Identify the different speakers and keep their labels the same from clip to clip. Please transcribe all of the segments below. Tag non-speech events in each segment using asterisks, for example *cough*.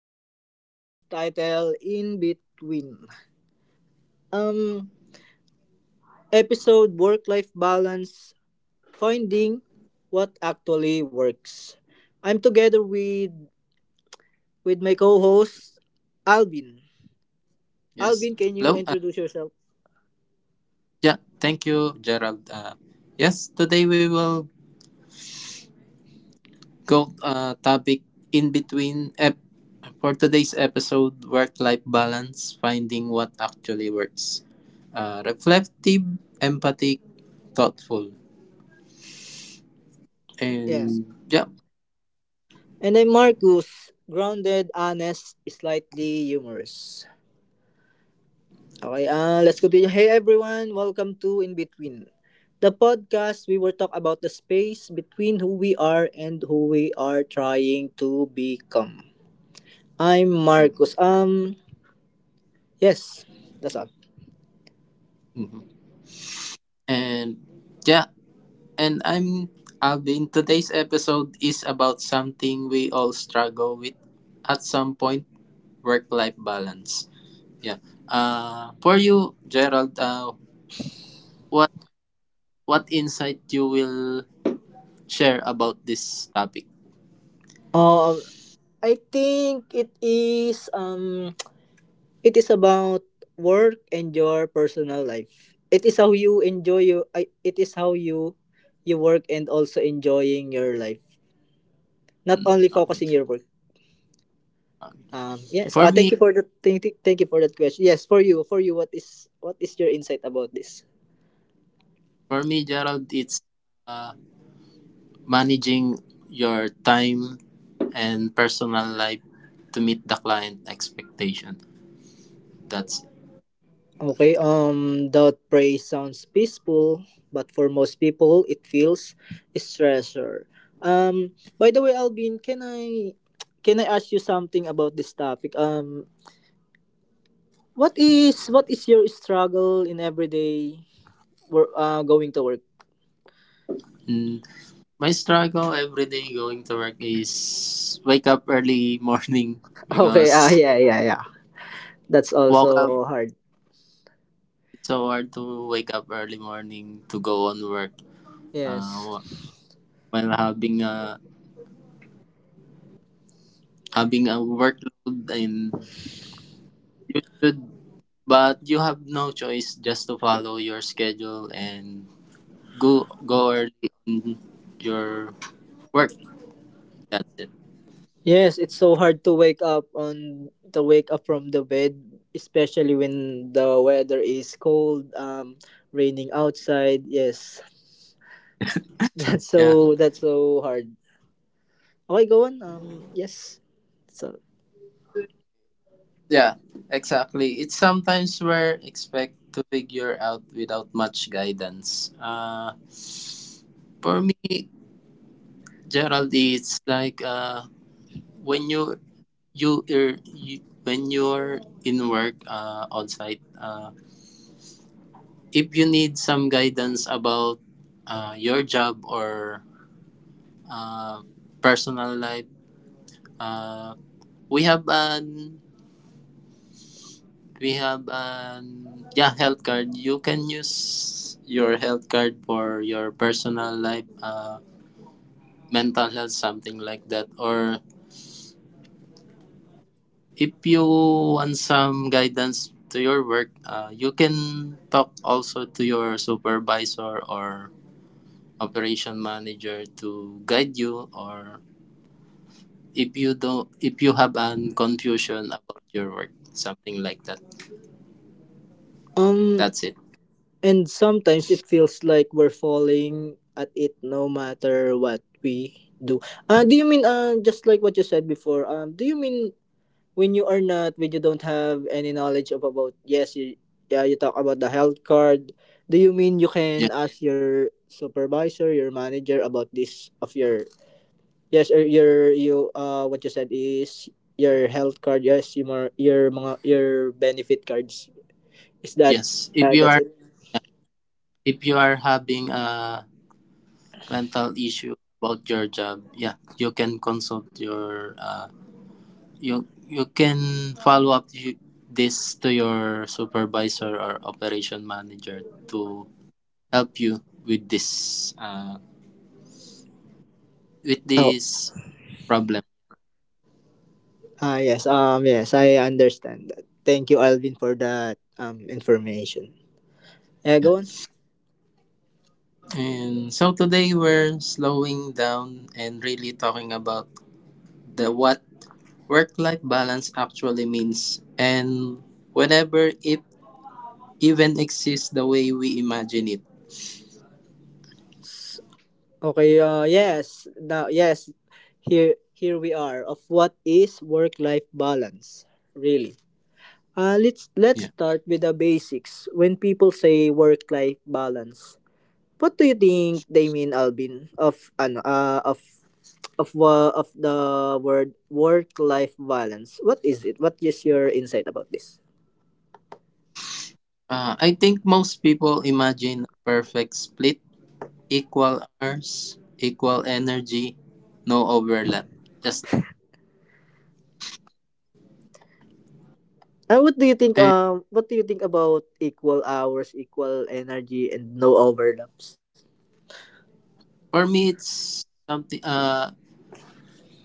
Speaker 1: a podcast titled "In Between." Um, Episode work-life balance: finding what actually works. I'm together with my co-host Alvin.
Speaker 2: yes.
Speaker 1: Alvin, can you
Speaker 2: Hello.
Speaker 1: introduce yourself?
Speaker 2: Yeah, thank you, Gerald. Yes, today we will go topic in between for today's episode work-life balance, finding what actually works. Reflective, empathic, thoughtful.
Speaker 1: Yes.
Speaker 2: And yeah.
Speaker 1: And I'm Marcus, grounded, honest, slightly humorous. Okay, let's continue. Hey everyone, welcome to In Between, the podcast we will talk about the space between who we are and who we are trying to become. I'm Marcus.
Speaker 2: Mhm.
Speaker 1: Yes, that's all.
Speaker 2: Mhm. And yeah, and I'm Alvin. Today's episode is about something we all struggle with at some point, work-life balance. Yeah. For you, Gerald, what what insight you will share about this topic?
Speaker 1: Uh, I think it is *tsk* it is about work and your personal life. It is how you work and also enjoying your life, not
Speaker 2: Mm,
Speaker 1: only
Speaker 2: okay.
Speaker 1: focusing your work.
Speaker 2: Okay.
Speaker 1: Yes.
Speaker 2: For
Speaker 1: Uh, thank
Speaker 2: me,
Speaker 1: you for the thank, thank you for that question. Yes, for you, for you. What is your insight about this?
Speaker 2: for me, Gerald, it's uh, managing your time and personal life to meet the client expectation. That's
Speaker 1: Okay. Doubt praise sounds peaceful, but for most people, it feels stressor. By the way, Alvin, can I ask you something about this topic? What is your struggle in everyday work? Going to work.
Speaker 2: mm, my struggle every day going to work is wake up early *laughs* morning
Speaker 1: *laughs* Okay. Ah,
Speaker 2: because
Speaker 1: yeah, yeah, yeah. That's
Speaker 2: woke up
Speaker 1: also hard.
Speaker 2: it's so hard to wake up early morning to go on work
Speaker 1: Yes.
Speaker 2: uh, while having a workload, and you should, but you have no choice, just to follow your schedule and go early on your work. That's it.
Speaker 1: Yes, it's so hard to wake up on to wake up from the bed, especially when the weather is cold, raining outside. Yes, *laughs*
Speaker 2: Yeah,
Speaker 1: that's so hard. Okay, go on. Yes. So
Speaker 2: yeah, exactly. It's sometimes where expect to figure out without much guidance. For me, Gerald, it's like when you when you're in work on site. If you need some guidance about your job or uh, personal life, uh, we have an we have an yeah health card. You can use your health card for your personal life, mental health, something like that. Or if you want some guidance to your work, you can talk also to your supervisor or operation manager to guide you, or if you have an confusion about your work, something like that.
Speaker 1: um,
Speaker 2: That's it.
Speaker 1: and sometimes it feels like we're falling at it, no matter what we do. Do you mean just like what you said before? Do you mean when you are not when you don't have any knowledge of, about, yes, you, yeah, you talk about the health card. Do you mean you
Speaker 2: Yeah,
Speaker 1: can ask your supervisor, your manager, about this of your, yes, or your you, what you said is your health card, yes, your mga, your benefit cards, is that,
Speaker 2: yes. if you
Speaker 1: that's
Speaker 2: are
Speaker 1: it.
Speaker 2: yeah, if you are having a mental issue about your job, yeah, you can consult your, you you can follow up you, this to your supervisor or operation manager to help you with this uh, with
Speaker 1: Oh,
Speaker 2: this problem.
Speaker 1: ah, yes, yes, I understand that. Thank you, Alvin, for that information. Yeah,
Speaker 2: Yeah.
Speaker 1: go on.
Speaker 2: And so today we're slowing down and really talking about the what work-life balance actually means and whenever it even exists the way we imagine it.
Speaker 1: Okay, yes, now, yes, here we are of what is work-life balance, really. Let's
Speaker 2: Yeah.
Speaker 1: start with the basics. When people say work-life balance, what do you think they mean, Alvin, of, ano, of the word work-life balance? What is it? What is your insight about this?
Speaker 2: I think most people imagine a perfect split, equal hours, equal energy, no overlap. Just
Speaker 1: Uh, what do you think,
Speaker 2: and
Speaker 1: um, what do you think about equal hours, equal energy, and no overlaps?
Speaker 2: for me, it's something.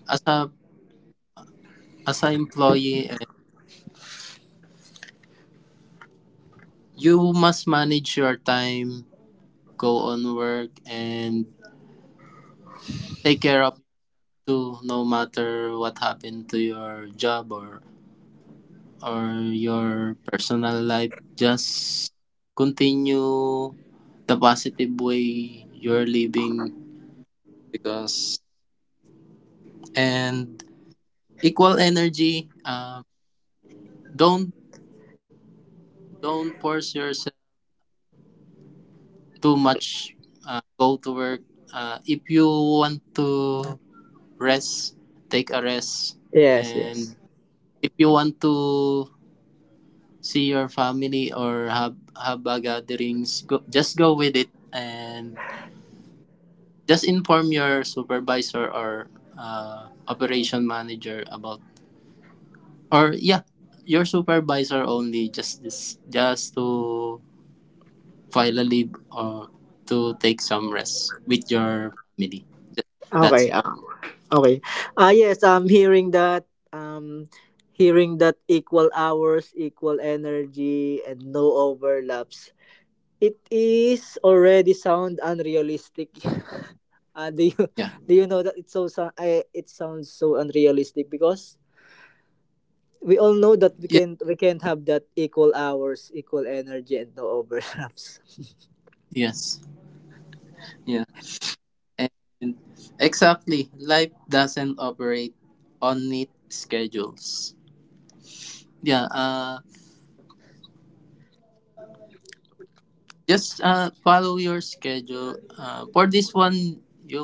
Speaker 2: As a as an employee, you must manage your time, go on work, and take care of to no matter what happened to your job or your personal life. Just continue the positive way you're living, because and equal energy. Don't don't force yourself too much. Go to work. If you want to rest, take a rest.
Speaker 1: Yes,
Speaker 2: And
Speaker 1: yes.
Speaker 2: if you want to see your family or have a gatherings, go, just go with it, and just inform your supervisor or operation manager about, or yeah, your supervisor only, just to file a leave or to take some rest with your family. Th-
Speaker 1: Okay.
Speaker 2: that's it.
Speaker 1: Okay. Ah, yes, I'm hearing that. Hearing that equal hours, equal energy, and no overlaps. It is already sound unrealistic. *laughs* Do you
Speaker 2: Yeah,
Speaker 1: *laughs* do you know that it's it sounds so unrealistic because we all know that
Speaker 2: yeah,
Speaker 1: we can't have that equal hours, equal energy, and no overlaps. *laughs*
Speaker 2: yes, yeah, and exactly, life doesn't operate on neat schedules. Yeah. Just follow your schedule. For this one, you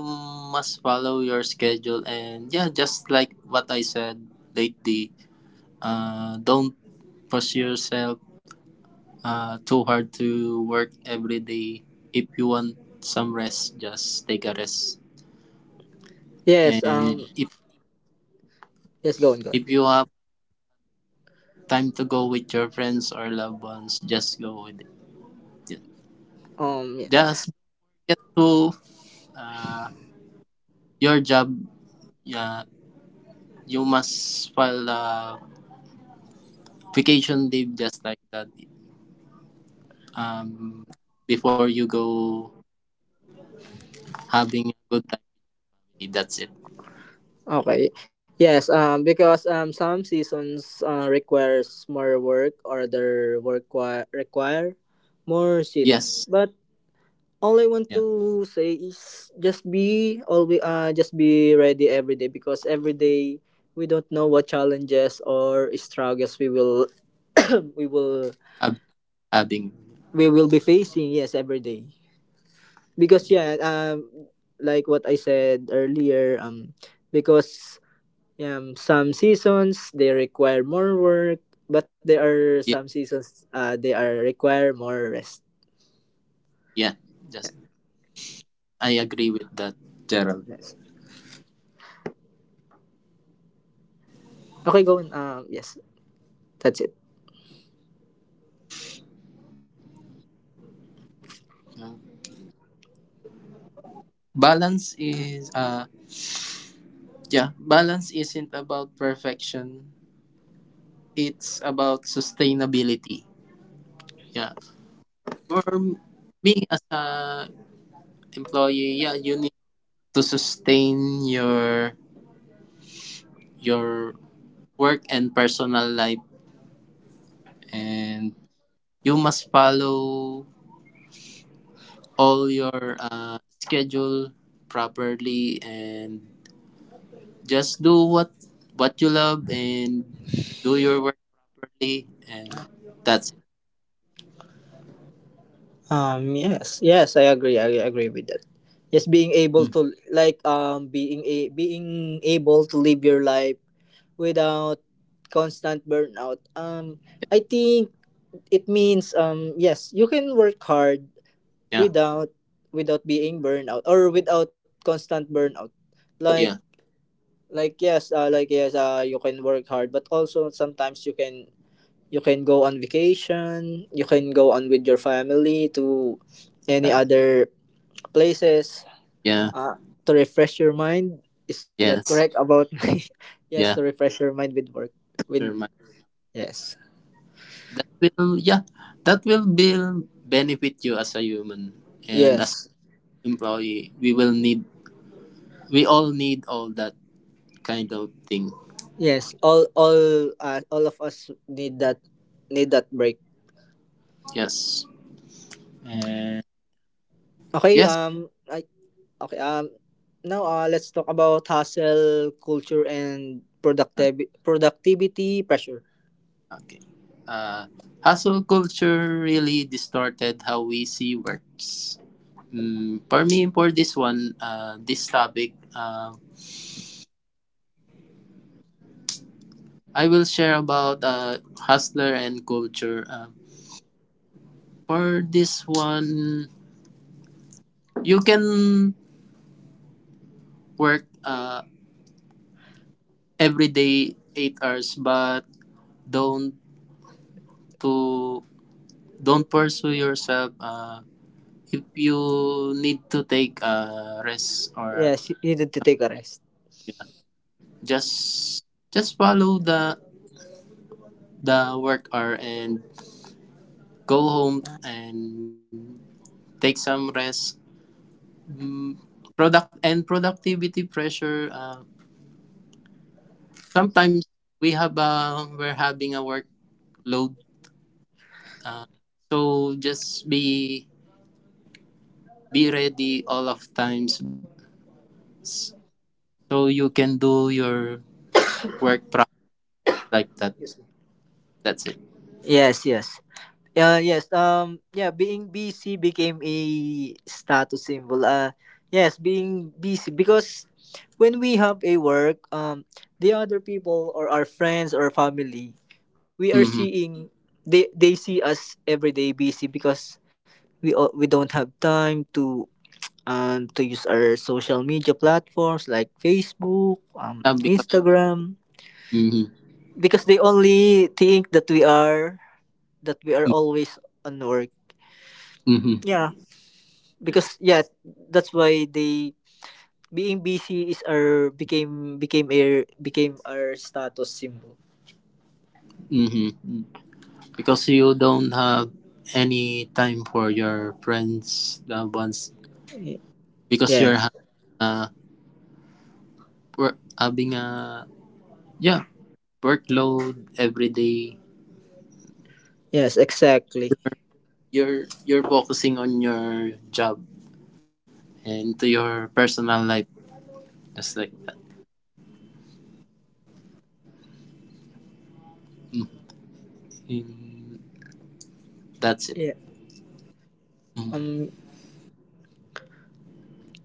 Speaker 2: must follow your schedule. And yeah, just like what I said lately, don't push yourself too hard to work every day. If you want some rest, just take a rest.
Speaker 1: Yes.
Speaker 2: And if,
Speaker 1: Yes. Go on. Go on.
Speaker 2: if you have time to go with your friends or loved ones, just go with it. Yeah.
Speaker 1: Um.
Speaker 2: Just get to uh, your job. Yeah, you must file vacation leave just like that. Um, Before you go having a good time, that's it.
Speaker 1: Okay. Yes. Because some seasons requires more work, or their require more shit.
Speaker 2: Yes,
Speaker 1: But all I want
Speaker 2: yeah,
Speaker 1: to say is just be ready every day because every day we don't know what challenges or struggles we will *coughs* we will
Speaker 2: Hab- having a
Speaker 1: we will be facing. Yes, every day.
Speaker 2: good
Speaker 1: Because
Speaker 2: day.
Speaker 1: yeah. Like what I said earlier. Because Some seasons they require more work, but there are some
Speaker 2: Yeah,
Speaker 1: seasons they are require more rest.
Speaker 2: yeah, just I agree with that, Gerald.
Speaker 1: Yes. Okay, go on. Yes, that's it.
Speaker 2: Um, Balance is uh yeah, balance isn't about perfection. It's about sustainability. Yeah, for me as a employee, yeah, you need to sustain your work and personal life, and you must follow all your schedule properly and just do what you love and do your work properly. And that's it.
Speaker 1: Yes, yes, I agree. I agree with that. Yes, being able
Speaker 2: Mm,
Speaker 1: to like being able to live your life without constant burnout. I think it means yes, you can work hard
Speaker 2: yeah,
Speaker 1: without without being burnout or without constant burnout. Like
Speaker 2: yeah,
Speaker 1: like, yes, like, yes, you can work hard but also sometimes you can go on vacation, you can go on with your family to any
Speaker 2: yeah,
Speaker 1: other places,
Speaker 2: yeah,
Speaker 1: uh, to refresh your mind. Is that correct
Speaker 2: yes,
Speaker 1: about *laughs* me? Yes, to
Speaker 2: yeah,
Speaker 1: refresh your mind with work, with.
Speaker 2: sure, Mike.
Speaker 1: Yes,
Speaker 2: that will yeah that will build benefit you as a human and as
Speaker 1: yes,
Speaker 2: an employee. We will need, we all need all that kind of thing.
Speaker 1: yes, all of us need that, break.
Speaker 2: Yes, and
Speaker 1: Okay,
Speaker 2: yes.
Speaker 1: I. Okay. Now, let's talk about hustle culture and productivity pressure.
Speaker 2: Okay. Uh, Hustle culture really distorted how we see works. Mm, for me, for this one, this topic, I will share about hustler and culture. For this one, you can work every day 8 hours, but don't to don't pursue yourself. If you need to take a rest, or
Speaker 1: Yes, you needed to take a rest.
Speaker 2: just follow the work hour and go home and take some rest. Mm, productivity pressure. Sometimes we're having a workload. Uh, so just be ready all of times, s- so you can do your work process like that. That's it.
Speaker 1: Yes, yes. Yeah, yes. Yeah, being busy became a status symbol. Yes, being busy because when we have a work, the other people or our friends or family, we are
Speaker 2: Mm-hmm.
Speaker 1: seeing they see us every day busy because we don't have time to, to use our social media platforms like Facebook,
Speaker 2: Yeah, because
Speaker 1: Instagram,
Speaker 2: mm-hmm.
Speaker 1: because they only think that we are always on work.
Speaker 2: Mm-hmm.
Speaker 1: Yeah, because
Speaker 2: Yes.
Speaker 1: yeah, that's why they being busy is our became became a became our status symbol.
Speaker 2: Mm-hmm. Mm-hmm. Because you don't have any time for your friends, loved ones,
Speaker 1: Y-
Speaker 2: because you're
Speaker 1: Yes,
Speaker 2: having a yeah workload every day.
Speaker 1: yes, exactly.
Speaker 2: You're focusing on your job and to your personal life, just like that. Mm, that's it.
Speaker 1: Yeah.
Speaker 2: Mm,
Speaker 1: Um,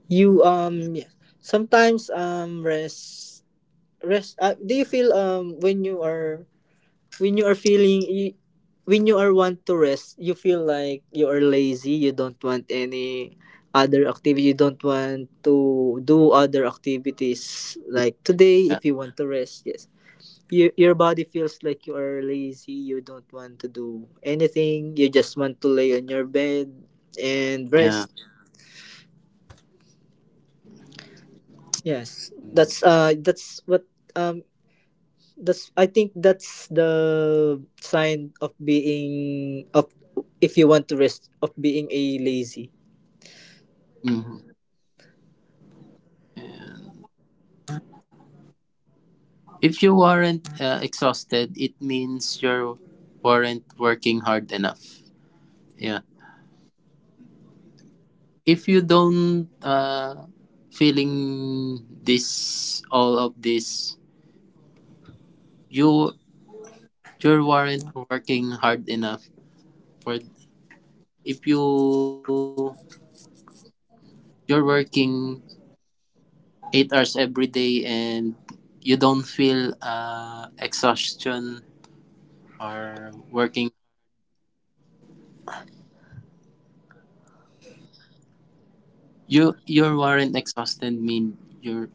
Speaker 1: you, yeah. Sometimes rest, rest. Do you feel when you are, when you are feeling you, when you are want to rest, you feel like you are lazy, you don't want any other activity, you don't want to do other activities like today?
Speaker 2: yeah,
Speaker 1: If you want to rest, yes, you, your body feels like you are lazy, you don't want to do anything, you just want to lay on your bed and
Speaker 2: yeah.
Speaker 1: rest. Yes, um that's, I think, that's the sign of being of, if you want to rest, of being a lazy.
Speaker 2: Mhm. If you weren't exhausted, it means you weren't working hard enough. Yeah, if you don't feeling this all of this, you you weren't working hard enough. For if you're working 8 hours every day and you don't feel exhaustion or working, you weren't exhausted, mean you're,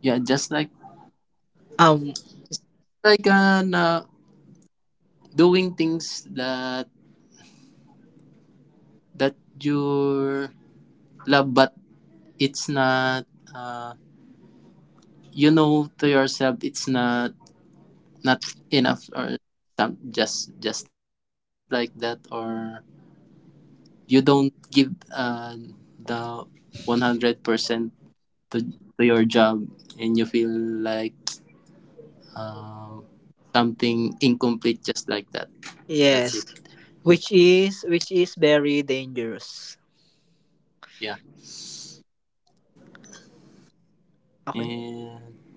Speaker 2: yeah, just like,
Speaker 1: Um
Speaker 2: like doing things that that you love, but it's not, uh, you know to yourself, it's not enough or some, just like that. Or you don't give the 100% to to your job and you feel like, uh, something incomplete, just like that. That's
Speaker 1: yes,
Speaker 2: it.
Speaker 1: which is very dangerous.
Speaker 2: Yeah.
Speaker 1: Okay?
Speaker 2: And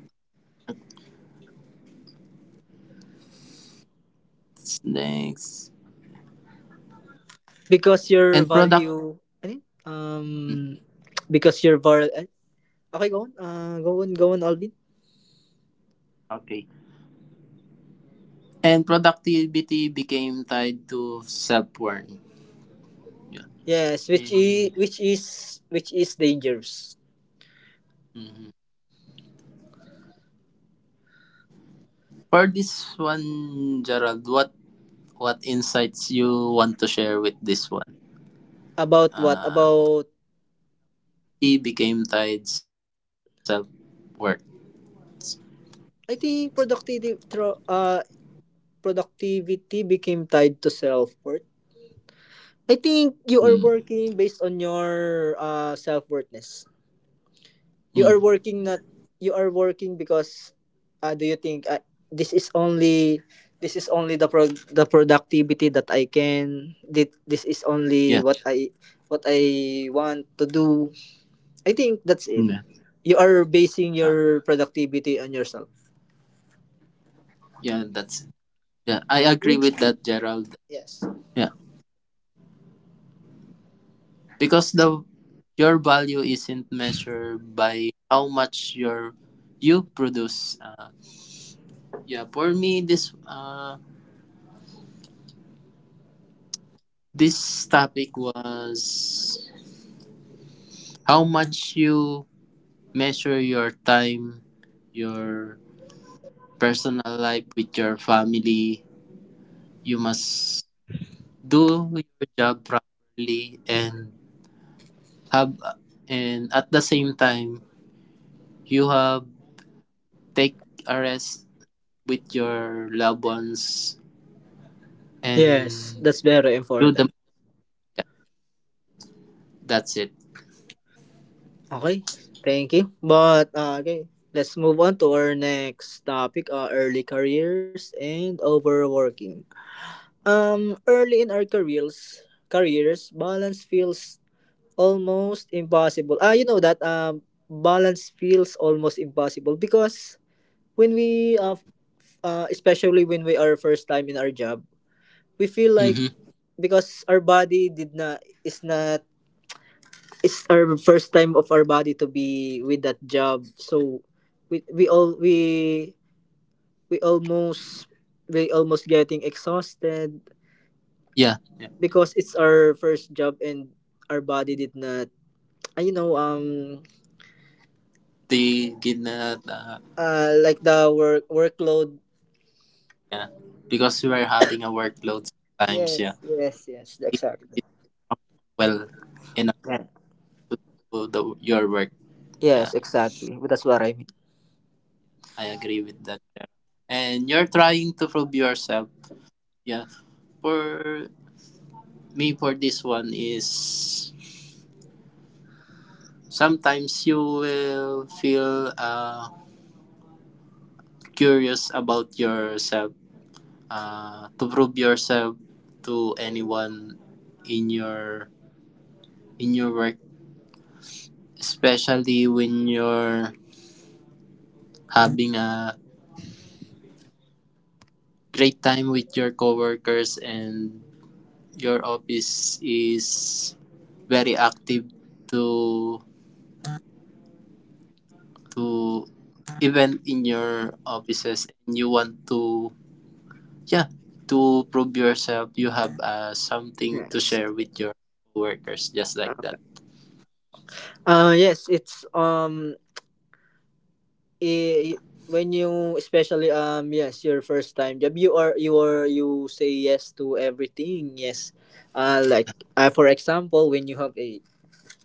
Speaker 2: what's next?
Speaker 1: Because your
Speaker 2: And product
Speaker 1: value ano yun? Because your var eh, Okay, go on. Go on, Alvin.
Speaker 2: okay and productivity became tied to self-worth. Yeah.
Speaker 1: Yes, which is
Speaker 2: And
Speaker 1: which is which is dangerous.
Speaker 2: Mhm. For this one, Gerald, what insights you want to share with this one?
Speaker 1: About what?
Speaker 2: Uh,
Speaker 1: About,
Speaker 2: T Became tied self work.
Speaker 1: I think, productivity became tied to self worth? I think
Speaker 2: Mm.
Speaker 1: you are working based on your, self worthness. You
Speaker 2: Mm.
Speaker 1: are working not You are working because do you think, this is only this is only the productivity that, this is
Speaker 2: Yeah.
Speaker 1: only what I want to do. I think that's it.
Speaker 2: Yeah.
Speaker 1: You are basing
Speaker 2: Uh,
Speaker 1: your productivity on yourself.
Speaker 2: yeah. That's, yeah, I agree with
Speaker 1: Which,
Speaker 2: that, Gerald.
Speaker 1: yes.
Speaker 2: Yeah, because the your value isn't measured by how much your you produce. Yeah, for me, this this topic was how much you measure your time, your personal life with your family. You must do your job properly and have and at the same time you have take a rest with your loved ones
Speaker 1: Yes,
Speaker 2: and
Speaker 1: that's very
Speaker 2: do the
Speaker 1: important.
Speaker 2: that's it.
Speaker 1: Okay, thank you. Let's move on to our next topic: early careers and overworking. Early in our careers balance feels almost impossible. Ah, you know that balance feels almost impossible because when we especially when we are first time in our job, we feel like,
Speaker 2: Mm-hmm.
Speaker 1: because our body did not, is not, it's our first time of our body to be with that job, so we we almost we almost getting exhausted
Speaker 2: Yeah. Yeah.
Speaker 1: because it's our first job and our body did not, uh, you know um
Speaker 2: They did not
Speaker 1: like the work workload.
Speaker 2: Yeah. Because we were having a workload sometimes, yeah.
Speaker 1: Yes, yes, yes,
Speaker 2: They
Speaker 1: exactly.
Speaker 2: did well enough
Speaker 1: Yeah.
Speaker 2: to do the, your work. Yeah,
Speaker 1: Yes, exactly, that's what I mean.
Speaker 2: I agree with that. And you're trying to prove yourself. Yeah. For me, for this one, is sometimes you will feel curious about yourself. To prove yourself to anyone in your work, especially when you're having a great time with your coworkers and your office is very active to to event in your offices, and you want to, yeah, to prove yourself, you have something to
Speaker 1: Yes,
Speaker 2: share with your coworkers, just like
Speaker 1: uh,
Speaker 2: that.
Speaker 1: yes, it's, i- when you, especially, yes, your first time job, you are, you say yes to everything. Yes, uh like for example, when you have a,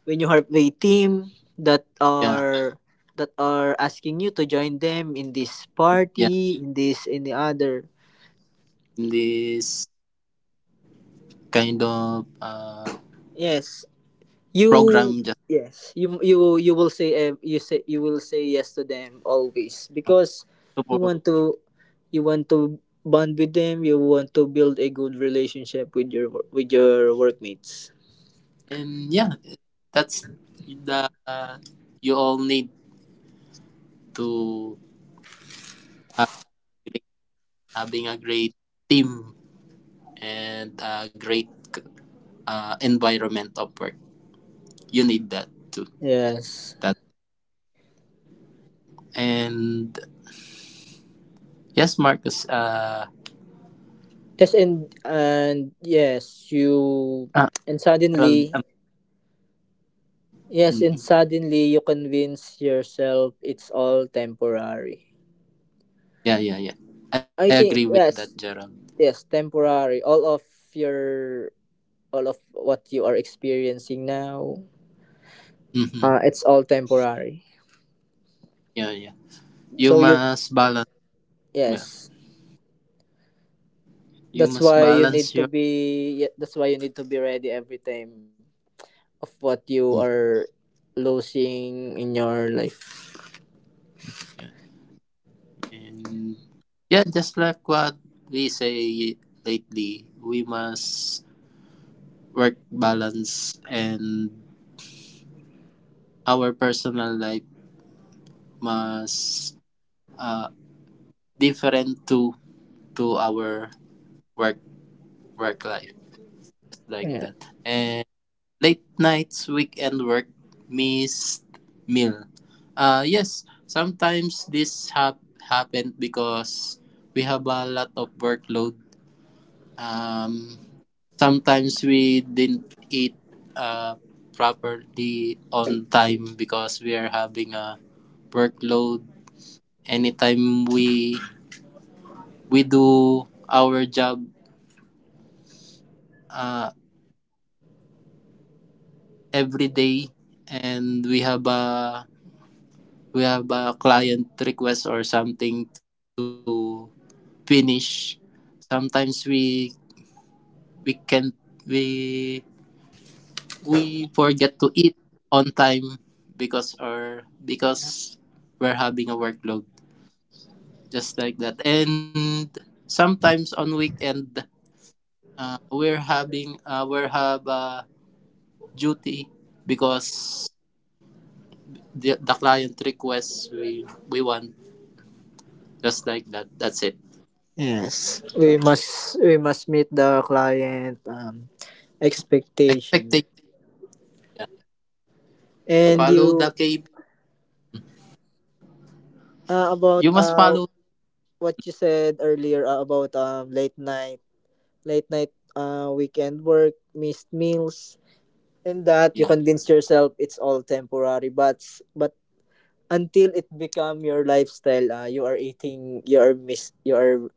Speaker 1: team, that
Speaker 2: Yeah,
Speaker 1: are that are asking you to join them in this
Speaker 2: yeah,
Speaker 1: party, in this, in the other,
Speaker 2: in this kind of
Speaker 1: yes, you,
Speaker 2: program, just
Speaker 1: yes, you, you will say, eh, you will say yes to them always because you
Speaker 2: support,
Speaker 1: want to you want to bond with them, you want to build a good relationship with your workmates,
Speaker 2: and yeah, that's the, you all need to have great, having a great team and a great environment of work. You need that too.
Speaker 1: yes.
Speaker 2: That and, yes, Marcus.
Speaker 1: Yes, and yes, you,
Speaker 2: Uh,
Speaker 1: and
Speaker 2: Gerald.
Speaker 1: suddenly, yes, and
Speaker 2: Mhm.
Speaker 1: suddenly you convince yourself it's all temporary.
Speaker 2: Yeah, yeah, yeah, I
Speaker 1: I
Speaker 2: agree with
Speaker 1: think,
Speaker 2: that,
Speaker 1: yes,
Speaker 2: Gerald.
Speaker 1: yes, temporary, your all of what you are experiencing now,
Speaker 2: Mm-hmm.
Speaker 1: it's all temporary,
Speaker 2: Yeah, yeah. You
Speaker 1: so you,
Speaker 2: must balance. Yeah,
Speaker 1: yes,
Speaker 2: you
Speaker 1: that's
Speaker 2: must
Speaker 1: why you
Speaker 2: balance
Speaker 1: need
Speaker 2: your.
Speaker 1: to be yeah, that's why you need to be ready every time of what you
Speaker 2: Mm,
Speaker 1: are losing in your life.
Speaker 2: yeah, and yeah, just like what we say lately, we must work balance, and our personal life must uh different to our work work life, like
Speaker 1: Yes,
Speaker 2: that. And. Late nights, weekend work, missed meal. Yes, sometimes this happened because we have a lot of workload. Um, Sometimes we didn't eat uh, properly on time because we are having a workload. Anytime we do our job uh, every day, and we have a client request or something to finish, sometimes we can we we forget to eat on time because or because we're having a workload, just like that. And sometimes on weekend, we have a duty because the client requests we want, just like that. That's it.
Speaker 1: yes, we must meet the client, expectation.
Speaker 2: Expectation,
Speaker 1: And
Speaker 2: follow the
Speaker 1: you,
Speaker 2: K
Speaker 1: about,
Speaker 2: you must follow.
Speaker 1: what you said earlier, about, late night, weekend work, missed meals, and that you
Speaker 2: Yeah,
Speaker 1: convince yourself it's all temporary, but but until it become your lifestyle, you are eating, you are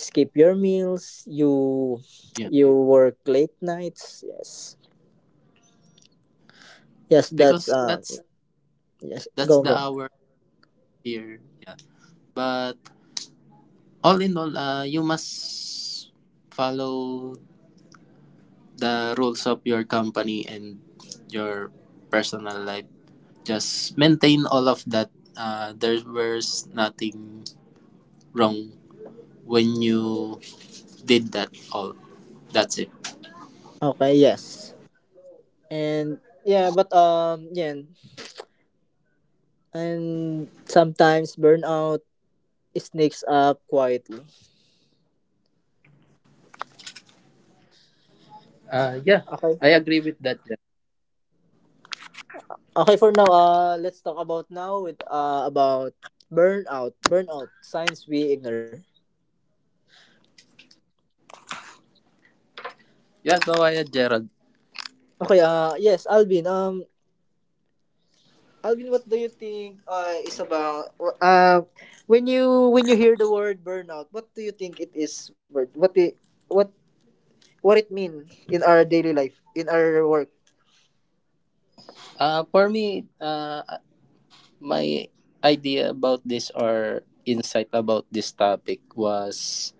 Speaker 1: skip your meals,
Speaker 2: yeah,
Speaker 1: you work late nights. Yes, yes, that's
Speaker 2: because that's
Speaker 1: yes,
Speaker 2: the
Speaker 1: go.
Speaker 2: hour here. Yeah. But all in all, you must follow the rules of your company and your personal life. Just maintain all of that. There was nothing wrong when you did that all. That's it.
Speaker 1: Okay, yes. And, yeah, but, yeah, and sometimes burnout sneaks up quietly.
Speaker 2: Yeah,
Speaker 1: Okay.
Speaker 2: I agree with that.
Speaker 1: Okay, for now, let's talk about now, with about burnout, burnout signs we ignore.
Speaker 2: Yeah, go ahead, Gerald.
Speaker 1: Okay, yes, Alvin. Alvin, what do you think? Is about, when you hear the word burnout, what do you think it is? What it, what what it mean in our daily life, in our work?
Speaker 2: For me, my idea about this or insight about this topic was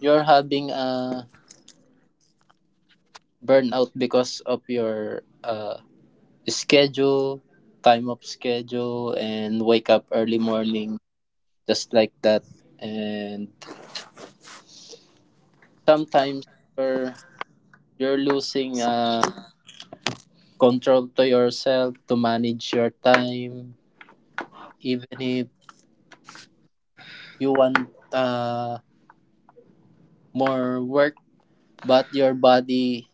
Speaker 2: you're having a burnout because of your schedule, time of schedule, and wake up early morning, just like that. And sometimes you're, you're losing control to yourself to manage your time, even if you want uh, more work, but your body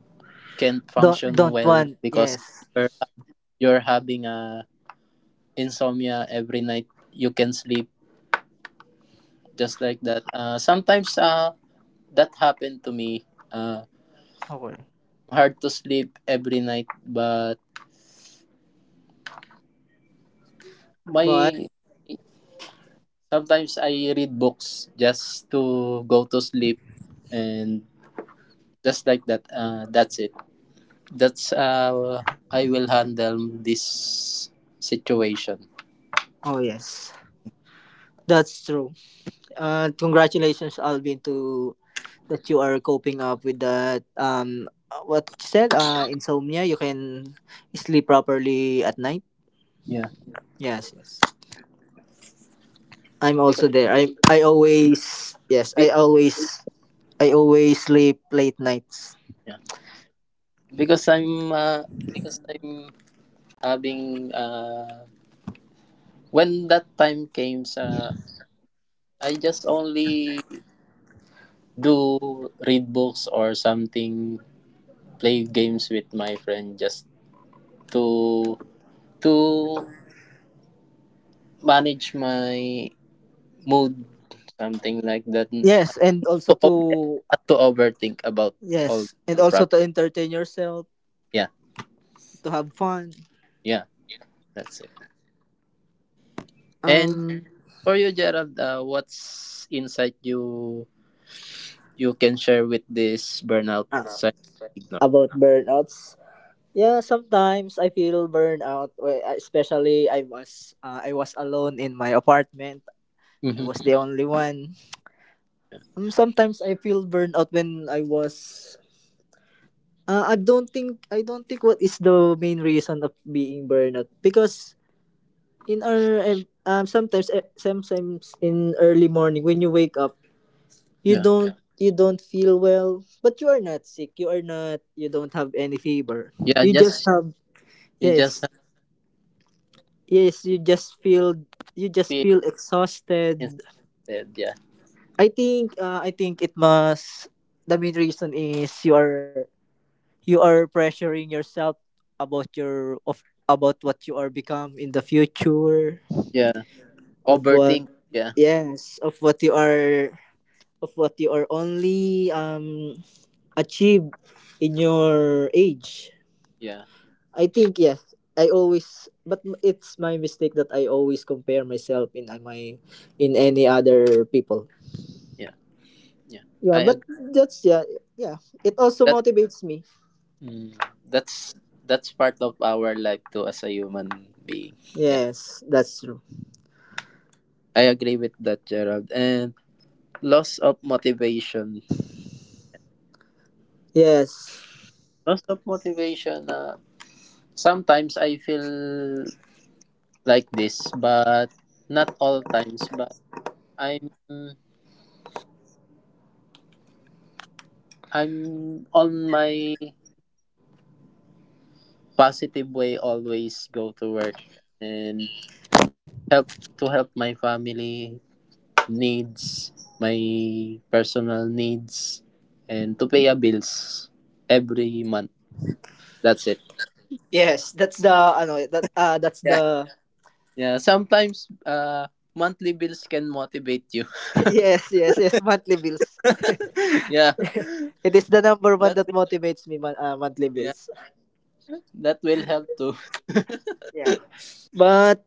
Speaker 2: can't function well
Speaker 1: Don't
Speaker 2: because
Speaker 1: want.
Speaker 2: you're
Speaker 1: Yes.
Speaker 2: you're having a insomnia every night. You can sleep just like that. Sometimes that happened to me. Uh,
Speaker 1: Okay.
Speaker 2: Hard to sleep every night, but
Speaker 1: But,
Speaker 2: my sometimes I read books just to go to sleep, and just like that. That's it. That's how I will handle this situation.
Speaker 1: oh, yes, that's true. Congratulations, Alvin, to that you are coping up with that, what you said, insomnia, you can sleep properly at night.
Speaker 2: Yeah.
Speaker 1: Yes, yes, I'm
Speaker 2: Because,
Speaker 1: also there. I always. Yes,
Speaker 2: because-
Speaker 1: I always sleep late nights.
Speaker 2: yeah. because I'm uh, because I'm having, when that time came, I just only do read books or something, play games with my friend just to to manage my mood, something like that,
Speaker 1: Yes, and also to,
Speaker 2: not to overthink about all
Speaker 1: yes, and
Speaker 2: the
Speaker 1: also
Speaker 2: problems.
Speaker 1: to entertain yourself,
Speaker 2: Yeah,
Speaker 1: to have fun.
Speaker 2: yeah, that's it. And
Speaker 1: um
Speaker 2: for you, Gerald, what's insight you can share with this burnout
Speaker 1: uh,
Speaker 2: sign ignore.
Speaker 1: about burnouts. Yeah, sometimes I feel burnout, especially, I was alone in my apartment. I
Speaker 2: Mm-hmm.
Speaker 1: was the only one. Sometimes I feel burned out when I was. I don't think what is the main reason of being burnout because, sometimes, eh, sometimes, in early morning when you wake up,
Speaker 2: Yeah.
Speaker 1: you don't feel well, but you are not sick, you are not you don't have any fever,
Speaker 2: Yeah,
Speaker 1: you just
Speaker 2: just
Speaker 1: have,
Speaker 2: you just
Speaker 1: yes,
Speaker 2: have
Speaker 1: yes, you just
Speaker 2: feel
Speaker 1: feel exhausted.
Speaker 2: instead. Yeah.
Speaker 1: I think it must, the main reason is, you are pressuring yourself about your of, about what you are become in the future,
Speaker 2: Yeah.
Speaker 1: of what,
Speaker 2: Overthink. Yeah.
Speaker 1: yes, of what you are, of what you are only achieve in your age.
Speaker 2: Yeah.
Speaker 1: I think, yes, I always, but it's my mistake that I always compare myself in, my, in any other people.
Speaker 2: Yeah. Yeah,
Speaker 1: Yeah,
Speaker 2: I
Speaker 1: but
Speaker 2: agree.
Speaker 1: that's, yeah, yeah, it also
Speaker 2: That
Speaker 1: motivates me.
Speaker 2: mm, that's that's part of our life too as a human being. Yeah.
Speaker 1: Yes, that's true.
Speaker 2: I agree with that, Gerald. And loss of motivation.
Speaker 1: Yes.
Speaker 2: Loss of motivation. Sometimes I feel like this, but not all times. But I'm I'm on my positive way, always go to work and help to help my family needs, my personal needs, and to pay a bills every month. That's it.
Speaker 1: Yes, that's the ano, eh, that's
Speaker 2: Yeah.
Speaker 1: the.
Speaker 2: Yeah, sometimes monthly bills can motivate you.
Speaker 1: *laughs* Yes, yes, yes, monthly bills.
Speaker 2: *laughs* Yeah.
Speaker 1: It is the number one
Speaker 2: That
Speaker 1: that
Speaker 2: will,
Speaker 1: motivates me, monthly
Speaker 2: yeah,
Speaker 1: bills.
Speaker 2: that will help too. *laughs*
Speaker 1: Yeah. But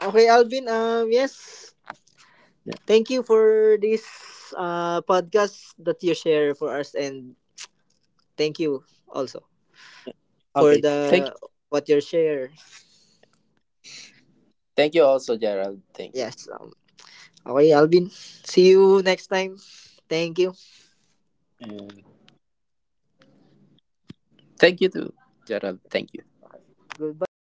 Speaker 1: okay, Alvin. Yes.
Speaker 2: Yeah.
Speaker 1: Thank you for this podcast that you share for us, and thank you also for
Speaker 2: Okay. Thank you.
Speaker 1: the what you share.
Speaker 2: Thank you also Gerald. Thank you.
Speaker 1: Yes. Okay, Alvin. See you next time. Thank you.
Speaker 2: And thank you, too, Gerald. Thank you.
Speaker 1: Goodbye.